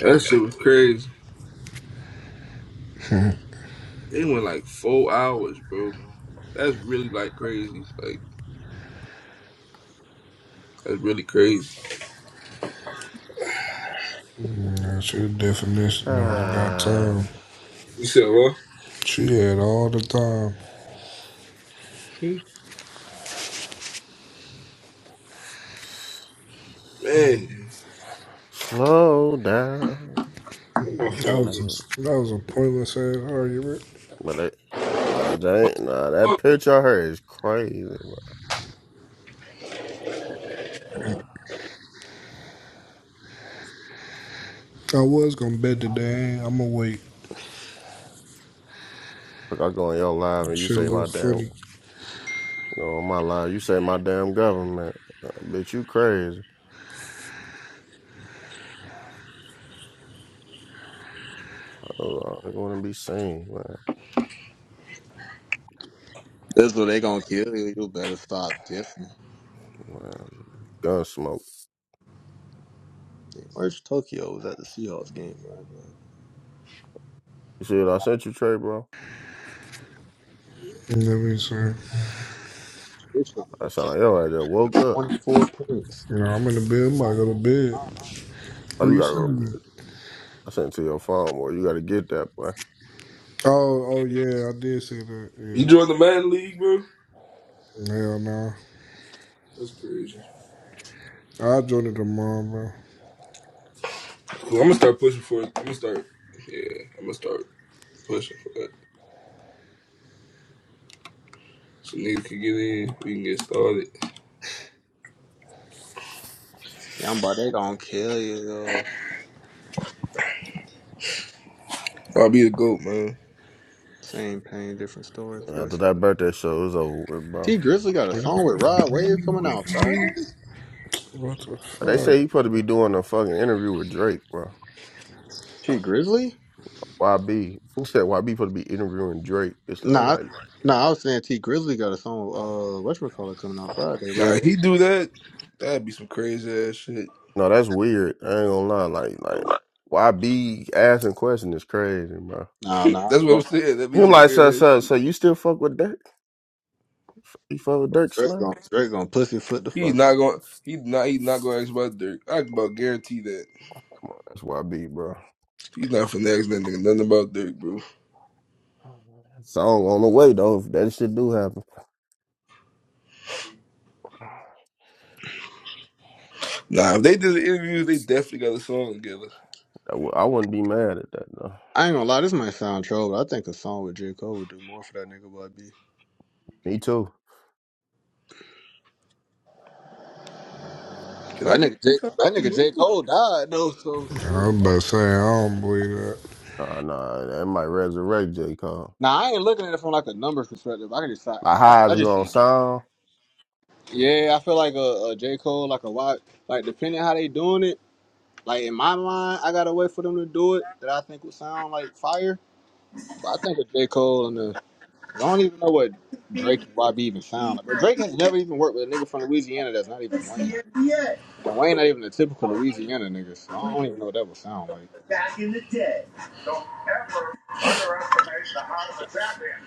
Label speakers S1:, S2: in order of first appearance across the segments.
S1: That shit was crazy. They went like four hours, bro. That's really like crazy. Like that's really crazy.
S2: That's your definition of got
S3: Ah,
S2: time.
S1: You said what?
S2: She had all the time.
S1: Hmm. Man,
S3: slow down.
S1: That's my
S2: That
S1: fault,
S3: I
S2: was
S1: man.
S3: just,
S2: a, that was a pointless ass argument.
S3: but it, nah, Jane, nah, that
S1: Look,
S3: picture of her is crazy, bro.
S2: I was gonna bet today. I'ma wait.
S3: Look, I go on your live and you
S2: Shit, a
S3: say
S2: little
S3: my damn, you
S2: funny.
S3: know, on my live, you say my damn government. Uh, bitch, you crazy. Oh, I want to be seen, man.
S4: That's what they gonna kill you. You better stop dissing.
S3: man. Gun smoke.
S4: Merch Tokyo was at the Seahawks game, right? man?
S3: You see what I sent you, Trey, bro?
S2: You know what I'm saying?
S4: This shit
S3: I
S4: say
S3: sound
S4: Kevin
S3: like yo, I just woke up.
S4: twenty four points.
S2: You know, I'm in the bed. I'm about go to bed.
S3: Oh,
S2: Where
S3: you
S2: you
S3: gotta go.
S2: sending it?
S3: I sent it to your phone, boy. You gotta get that, boy.
S2: Oh, oh yeah, I did say that.
S1: You
S2: Yeah.
S1: joined the Madden League, bro?
S2: Hell no. Nah.
S1: That's crazy.
S2: I'll join it tomorrow, bro.
S1: Well, I'm gonna start pushing for it. I'm gonna start. Yeah, I'm gonna start pushing for that. So niggas can get in. We can get started.
S4: Yeah, I'm about they gonna kill you. Yo.
S1: I'll be a goat, man.
S4: Same pain, different stories.
S3: And after
S4: Voice.
S3: that birthday show, it was over with, bro.
S4: T Grizzly got a
S2: Wait, i
S4: song with
S2: supposed to
S4: Rod
S2: bring
S4: Wave
S2: me the
S4: coming out
S2: weekend?
S4: Friday.
S2: What the
S3: But they say
S2: fuck?
S3: he supposed to be doing a fucking interview with Drake, bro.
S4: T Grizzly?
S3: YB. He said YB supposed to be interviewing Drake. It's, I'm
S4: Nah,
S3: like,
S4: I- nah. I was saying T Grizzly got a song. Uh, what call it coming out Friday,
S1: Nah,
S4: bro?
S1: he do that. That'd be some crazy ass shit.
S3: no, that's weird. I ain't gonna lie. Like, like YB asking questions is crazy, bro.
S4: Nah, nah.
S1: That's what I'm
S4: But
S1: saying. That'd be
S3: Him
S1: some
S3: like, so,
S1: weird ass shit.
S3: so, so you still fuck with Dirk? You fuck with Dirk
S4: Drake
S3: Slam?
S4: gonna, Drake gonna pussyfoot the
S1: He's
S4: fuck
S1: not
S4: up.
S1: going. He's not. He's not going to ask about Dirk. I can about guarantee that
S3: Come on, that's YB, bro.
S1: he's not finna ask that nigga nothing about Dirk, bro.
S3: Song on the way though. If that shit do happen,
S1: Nah, if they did the interviews, they definitely got a song together.
S3: I w- I wouldn't be mad at that though.
S4: I ain't gonna lie. This might sound troll, but I think a song with J Cole would do more for that nigga, boy. B.
S3: Me too.
S1: Can I
S4: That
S1: get
S4: nigga, J,
S1: you copy?
S4: that nigga J. Cole died though, so shit.
S2: I'm about
S4: Fuck.
S2: to say I don't believe that.
S3: Nah, nah, that might resurrect J Cole.
S4: Now I ain't looking at it from like a numbers perspective. I can just, I,
S3: Like, how
S4: I
S3: is it
S4: just
S3: gonna
S4: see it.
S3: sound?
S4: Yeah, I feel like a, a J. Cole, like a wide, like depending how they doing it. Like in my mind, I gotta wait for them to do it that I think would sound like fire. But I think a J. Cole and the, cause I don't even know what Drake and YB even sound like. But Drake has never even worked with a nigga from Louisiana that's not even
S1: It's
S4: Wayne.
S1: the NBA
S4: And Wayne not even a typical Louisiana nigga, so I don't even know what that would sound like.
S1: back in the day. Don't ever underestimate the heart of a champion.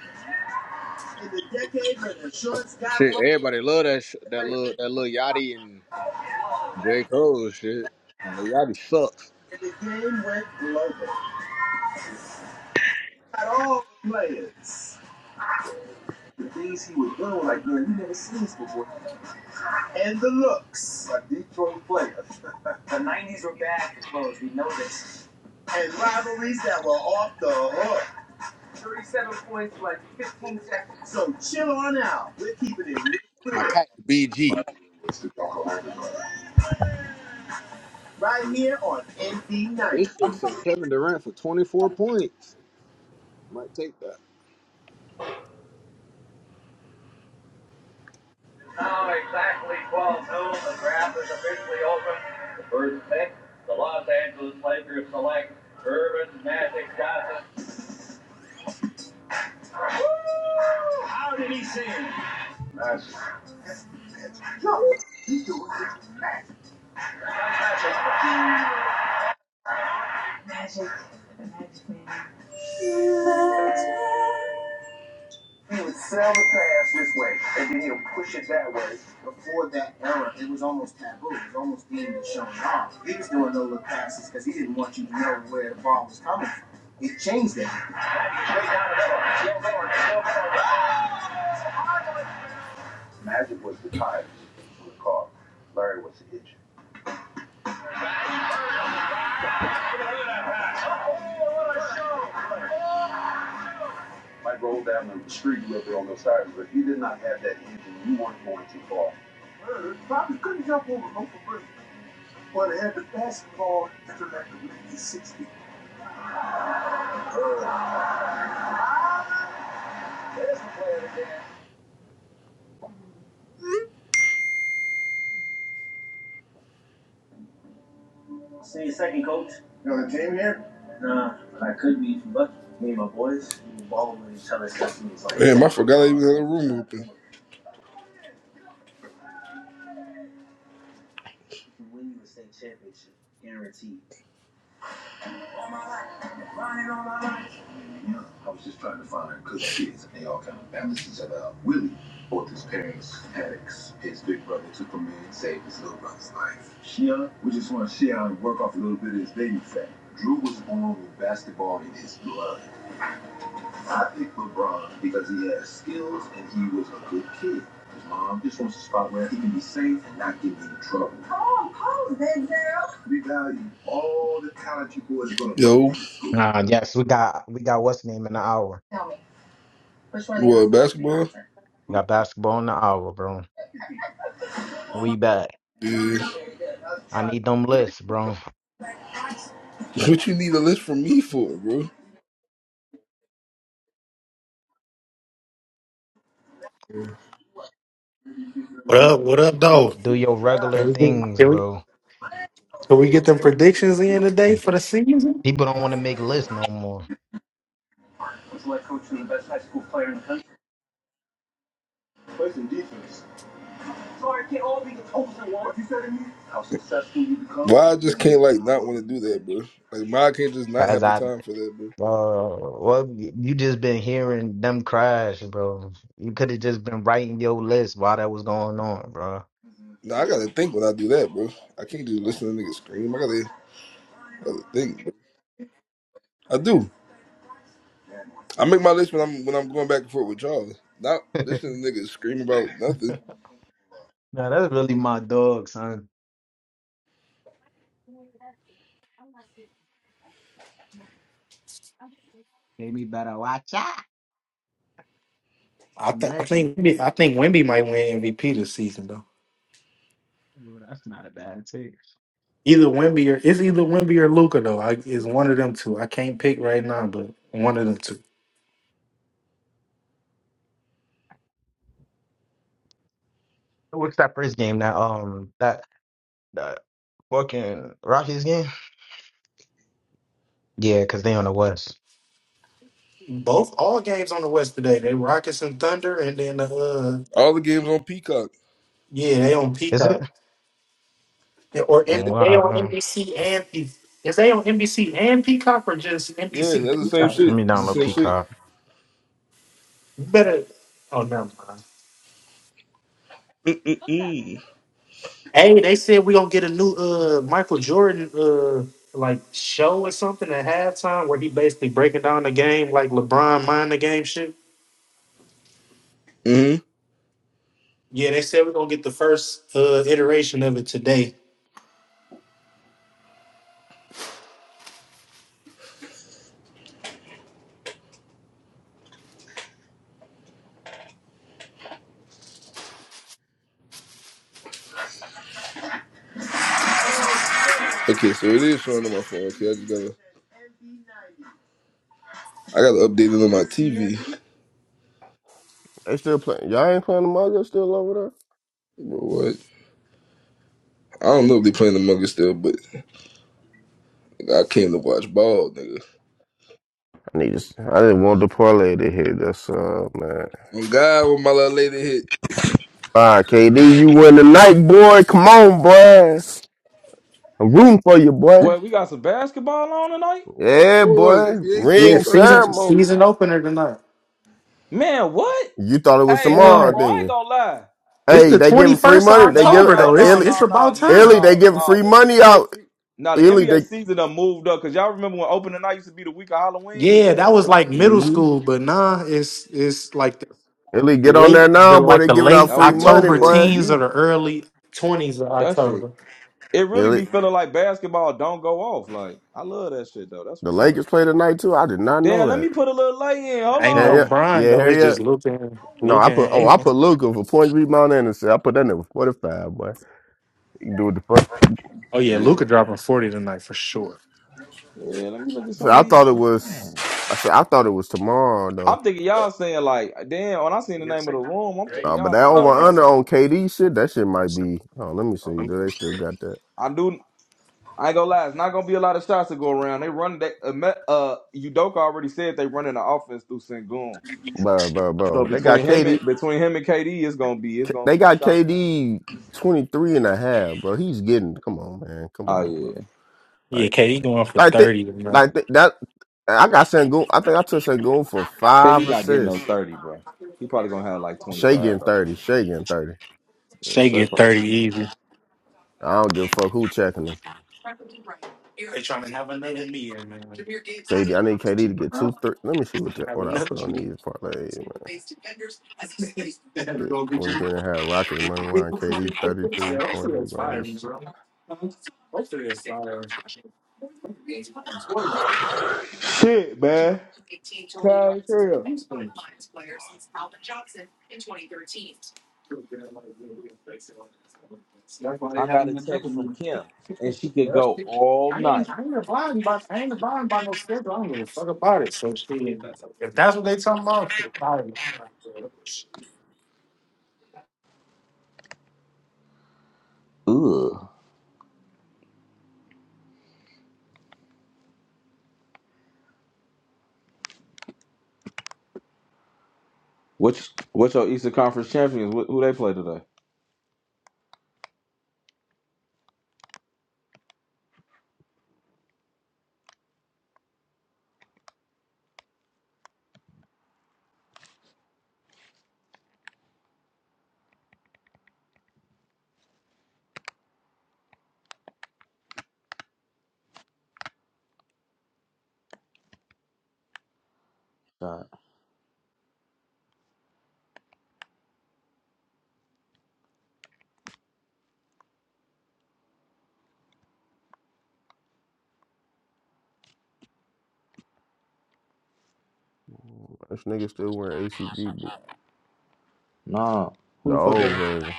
S1: In In the decade when the shorts got
S4: Shit,
S1: long
S4: everybody love that sh- that
S1: players
S4: little that little Yachty and. J. Cole and shit. And Leotti sucks.
S1: and the game went global, got all the players. The things he would do, like man, you never seen this before. and the looks. A Detroit players. the 90s were bad for clothes, we know this. And rivalries that were off the hook. 37 points for like 15 seconds. So chill on out. We're keeping it real
S4: My cat BG.
S1: right here on NB90.
S4: This shit said Kevin Durant for 24 points. Might take that.
S1: Now exactly 12 noon, the draft is officially open. The first pick, the Los Angeles Lakers select Urban Magic Johnson. How did he sing? Johnson, he's doing it. He would sell the pass this way, and then he'll push it that way. Before that era, it was almost taboo. It was almost being shown off. He was doing no look passes because he didn't want you to know where the ball was coming from. It changed that. Magic was the time to recall. Larry was the itch. Larry Probably couldn't jump over Oprah Winfrey, but had the basketball intellect of 1960. Uh, there's the player there. You know the team here? Damn, I forgot I even had a room open. Yeah, I was just trying to find good kids, and they all kind of balances it out. Willie, both his parents addicts. His big brother took him in and saved his little brother's life. Shia, we just want to share out and work off a little bit of his baby fat. Drew was born with basketball in his blood. I picked LeBron because he has skills and he was a good kid. His mom just wants a spot where he can be safe and not get into trouble. Come on, pose that girl. We value all the talent you boys gonna Yo,
S5: Nah, yes, we got we got what's name in the hour.
S1: tell me. Which one what basketball?
S5: We got basketball in the hour, bro. We back.
S1: Dude,
S5: I need them lists, bro.
S1: what you need a list from me for, bro?
S6: What up? What up, though?
S5: Do your regular
S6: Can we get
S5: things,
S6: can we
S5: bro.
S6: can we get them for day for the season?
S5: People don't want to make lists no more.
S1: Why I just can't like not want to do that, bro? Like, why I can't just not
S5: Cause
S1: have the
S5: I, uh,
S1: time for that, bro?
S5: well, you just been hearing them crash, bro. You could have just been writing your list while that was going on, bro.
S1: Nah, I gotta think when I do that, bro. I can't just listen to niggas scream. I gotta, gotta think. Bro. I do. I make my list when I'm when I'm going back and forth with y'all. Not listening to niggas scream about nothing.
S5: nah, that's really my dog, son. Baby, better watch out.
S6: I
S5: I'm
S6: think I
S5: lurking.
S6: think Wemby- I think Wimby might win MVP this season though.
S5: Ooh, that's not a bad take.
S6: Either Wimby or it's either Wimby or Luca though. I, it's one of them two. I can't pick right now, but one of them two.
S5: What's that first game? That um, that. uh, fucking Rockies game? Yeah, because they on the West.
S6: Both all games on the West today. They Rockets and Thunder, and then uh
S1: All the games on Peacock.
S6: yeah, they on
S5: Is it?
S6: Peacock Yeah, or M-
S1: Yeah,
S5: Oh,
S6: they on
S5: wow.
S6: NBC and Pe- is they on NBC and Peacock or just
S1: yeah,
S6: NBC
S1: that's the same
S6: Peacock? You
S5: Let
S1: shit.
S5: me
S1: It's
S5: download
S1: the same shit.
S5: Peacock.
S6: better. Oh, never mind.
S1: Mm.
S6: Hey, they said we gonna get a new uh Michael Jordan uh like show or something at halftime where he basically breaking down the game like LeBron mind the game shit.
S1: Mm-hmm.
S6: Yeah, they said we're gonna get the first uh iteration of it today.
S1: Okay, so it is showing on my phone. Okay, I just gotta. I got updated on my TV.
S3: They still playing. Y'all ain't playing the mug. It's still over there.
S1: Bro, what? I don't know if they playing Among Us still, but I came to watch ball, nigga.
S3: Niggas, I didn't want the parlay to hit. That's uh, man.
S1: On God, when my little lady hit.
S3: All right, KD, you win tonight, boy. Come on, boy. I'm rooting for you, boy.
S7: Well, we got some basketball on tonight?
S1: Of
S3: Yeah,
S1: course,
S3: boy.
S1: NBA season
S6: Yeah,
S3: Ring
S1: starts
S6: season
S1: in
S3: ceremony.
S6: season opener tonight.
S7: Man, what?
S3: You thought it was
S7: Hey, nah,
S3: tomorrow,
S6: Yeah.
S7: bro, I
S3: didn't
S7: ain't
S3: you?
S7: gonna lie.
S6: It's
S3: Hey,
S6: the
S3: they
S6: twenty
S3: giving free
S6: first of
S3: money. They
S7: No,
S3: give
S6: October
S3: uh,
S7: no,
S6: though. It's
S7: no,
S3: Illy,
S6: it's
S7: no, no,
S6: about
S7: G.
S3: Illy.
S6: time.
S3: They
S7: No,
S3: giving
S7: no.
S3: free
S7: The
S3: money
S7: NBA
S3: out.
S7: se- no, the
S3: Illy,
S7: NBA
S3: they
S7: season done moved up because y'all remember when opening night used to be the week of Halloween?
S6: Yeah, that was like
S1: May.
S6: middle
S1: Mm-hmm.
S6: school, but nah, it's it's like the
S3: Illy get on
S6: late
S3: there now,
S6: the
S3: boy.
S6: like
S3: They
S6: the
S3: giving out
S6: late
S7: That was
S3: free
S7: middle
S3: money,
S6: October
S7: school for
S3: boy.
S6: teens or
S7: you.
S6: the early twenties of
S7: That shit.
S6: October.
S7: It really
S3: Illy,
S7: be feeling like basketball don't go off. Like, I love that shit though. That's
S3: the
S7: what's up.
S3: Lakers play tonight too. I did not know
S7: Damn, let me
S3: that.
S7: put a little lay in. Hold
S6: Ain't no
S3: Harry, up.
S7: on.
S6: Brian
S3: yeah,
S6: though. It's
S3: Harry. up.
S6: just Luca and
S3: No, I
S6: Luca
S3: put oh
S6: and
S3: I
S6: Aiden.
S3: put Luca for point rebound and assist. I put that nigga forty five, boy. He can do what the fuck.
S6: Oh yeah,
S7: Yeah,
S6: Luca
S7: look.
S6: dropping forty tonight for sure.
S7: Yeah, let me look at
S3: So
S7: some of
S3: I
S7: these.
S3: thought it
S7: Wow.
S3: was I said I thought it was tomorrow though.
S7: I'm thinking y'all saying like, damn, when I seen the name
S6: Yes,
S7: of
S6: I
S7: the
S6: got
S7: room, I'm thinking
S3: No,
S6: it.
S3: but
S7: y'all
S3: that
S7: just
S3: over
S6: Oh, one
S3: under
S6: second.
S3: on KD shit, that shit might be oh let me see.
S6: Oh, let me-
S3: Do they still got that?
S7: I do. I ain't gonna lie. It's not gonna be a lot of shots to go around. They run that. Uh, Met- uh, Udoka already said they running the offense through Sengun.
S3: Bro, bro,
S7: So
S3: bro. They got
S7: between him
S3: KD
S7: and between him and KD, it's gonna be it's gonna
S3: they
S7: be
S3: got
S7: shot.
S3: KD 23 and a half, and bro. He's getting come on, man. Come
S7: Oh
S3: on, bro.
S7: yeah,
S6: Yeah,
S3: Like
S6: KD going for
S3: I think
S6: thirty tonight.
S3: like th- that I got Sangoon. I think I took Sangoon for five
S7: KD not getting no
S3: assists.
S7: thirty, bro. He probably gonna have like twenty
S3: Shea
S7: five.
S3: getting 30. Shea getting 30.
S7: Yeah,
S6: Shea
S7: sure.
S6: get thirty
S7: Probably.
S6: easy.
S3: I don't give a fuck who checking them.
S6: They trying to have another meeting, man.
S3: KD, I need KD to get
S6: Bro,
S3: two three. Let me see
S6: Trying
S3: what
S6: to
S3: the,
S6: have
S3: what I
S6: another
S3: put on these parlays, man. Shit, twenty three and a half Rockets money line. KD thirty three point
S6: meeting.
S3: rebounds.
S7: Shit, man. God damn. I got a text from Kim, and she could
S6: Yeah,
S7: go
S6: she-
S7: all
S6: I mean,
S7: night.
S6: I ain't abiding by, I ain't abiding by no schedule. I don't give a fuck about it. So she, if that's what they talking about, she fired me.
S7: Ugh. Which what's your Eastern Conference champions? Wh- who they play today? God.
S3: Mm, This nigga still wearing ACG boots.
S7: Nah.
S3: The
S7: Who the fuck? They?
S3: old version.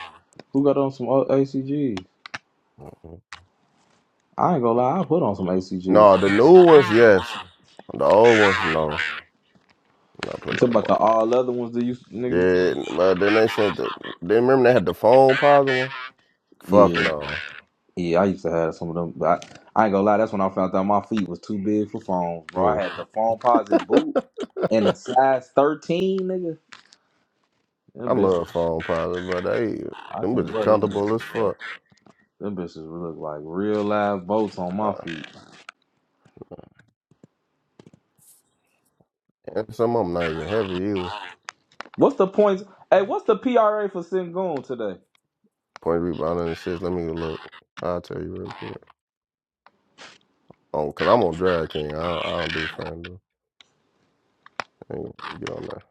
S7: Who got on some o- ACGs?
S3: Mm-mm.
S7: I ain't gonna lie, I put on some ACGs. You
S3: No, the new ones, yes. The old ones, no. I'm not putting
S7: talking
S3: on them
S7: about the
S3: up.
S7: all other ones that you niggas used to wear?
S3: Yeah, but then they sent the. Then remember they had the phone positive one. Fuck
S7: Yeah,
S3: no.
S7: yeah, I used to have some of them, but I, I ain't gonna lie, that's when I found out my feet was too big for phones, bro. I
S3: Mm.
S7: had the phone posit boot and the size 13, nigga.
S3: I
S7: Them bitches,
S3: love phone positive, but they
S7: I
S3: them
S7: can't
S3: bitches
S7: wear them
S3: comfortable
S7: bitches,
S3: as
S7: bro.
S3: fuck.
S7: Them bitches look like real live boats on
S3: Nah.
S7: my feet.
S3: And some of them not even heavy either.
S7: What's the points? Hey, what's the PRA for Sengun today?
S3: Point rebound and assist. Let me go look. I'll tell you real quick. Oh, cause I'm on Drag King. I don't, I don't do FanDuel. I ain't gonna get on there.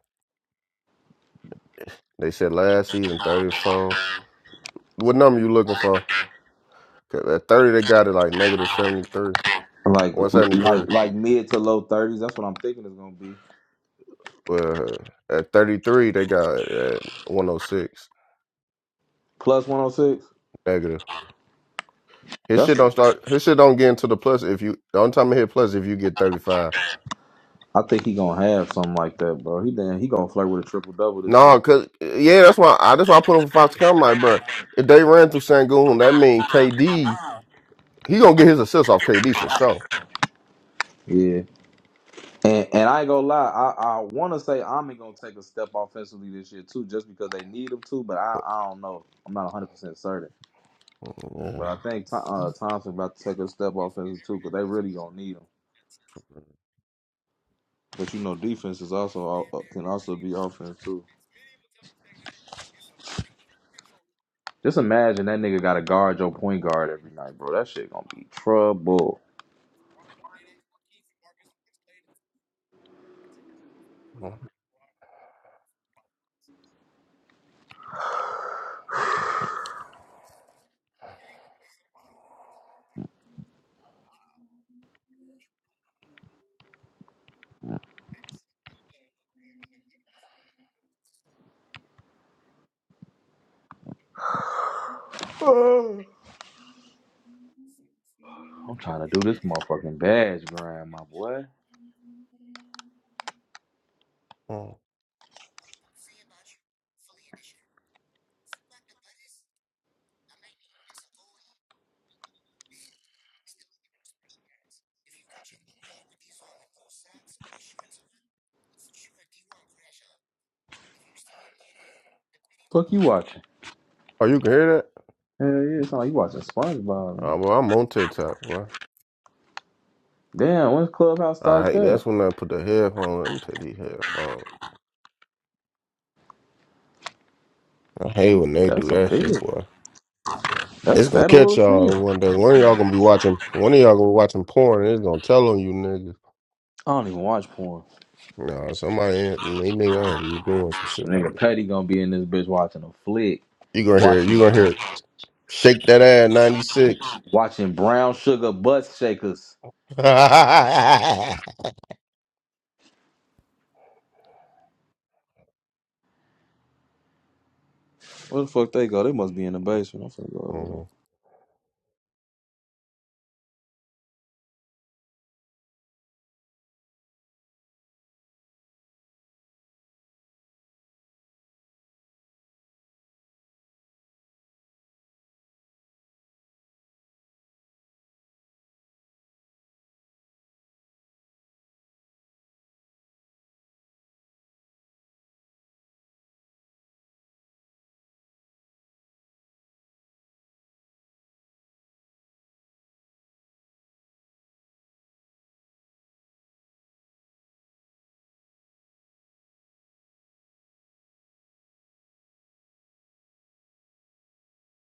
S3: They said last season 34. What number you looking for? 'Cause at 30 they got it like negative 73,
S7: Like,
S3: 173.
S7: like, like mid to low 30s. That's what I'm thinking it's gonna be.
S3: Well, at 33 they got it at 106
S7: Plus 106.
S3: negative. His shit
S7: That's
S3: don't start. His shit don't get into the plus if you. The only time it hit plus if you get 35.
S7: I think he gonna have something like that, bro. He then he gonna flirt with a triple double this season.
S3: No, cause yeah, that's why I that's why I put him for Fox. I'm like, bro, if they ran through Sangoon, that mean KD he gonna get his assist off KD for sure.
S7: Yeah, and and I ain't gonna lie, I I want to say Ami gonna take a step offensively this year too, just because they need him to. But I I don't know. I'm not 100 percent certain, but I
S3: Mm,
S7: think Tho- uh, Thompson about to take a step offensively too, because they really gonna need him. But you know, defense is also uh, can also be offense too. Just imagine that nigga got to guard your point guard every night, bro. That shit gonna be trouble.
S3: Yeah. Mm,
S7: Oh. I'm trying to do this motherfucking badge grind, my boy.
S3: mm.
S7: Fuck you watching?
S3: Oh, you can hear that?
S7: Hell yeah, it's not like you watching SpongeBob, man.
S3: Oh, well, I'm on TikTok, boy.
S7: Damn, when's Clubhouse
S3: I
S7: start
S3: hate
S7: that?
S3: that's when I put the headphone. Let me take these headphones. I hate when they do
S7: That's
S3: that shit,
S7: unfair.
S3: boy.
S7: That's
S3: It's gonna
S7: federal
S3: catch
S7: as
S3: y'all
S7: hell.
S3: one day. One of y'all gonna be watching. One of y'all gonna be watching porn, and it's gonna tell on you niggas.
S7: I don't even watch porn.
S3: Nah, somebody ain't- they nigga gonna be doing some shit like
S7: Nigga
S3: that.
S7: Petty gonna be in this bitch watching a flick,
S3: You gonna hear it.
S7: watching
S3: You gonna hear it. Shake that ass, ninety six.
S7: watching brown sugar butt shakers. Where the fuck they go? They must be in the basement. I'm finna go over there.
S3: Mhm.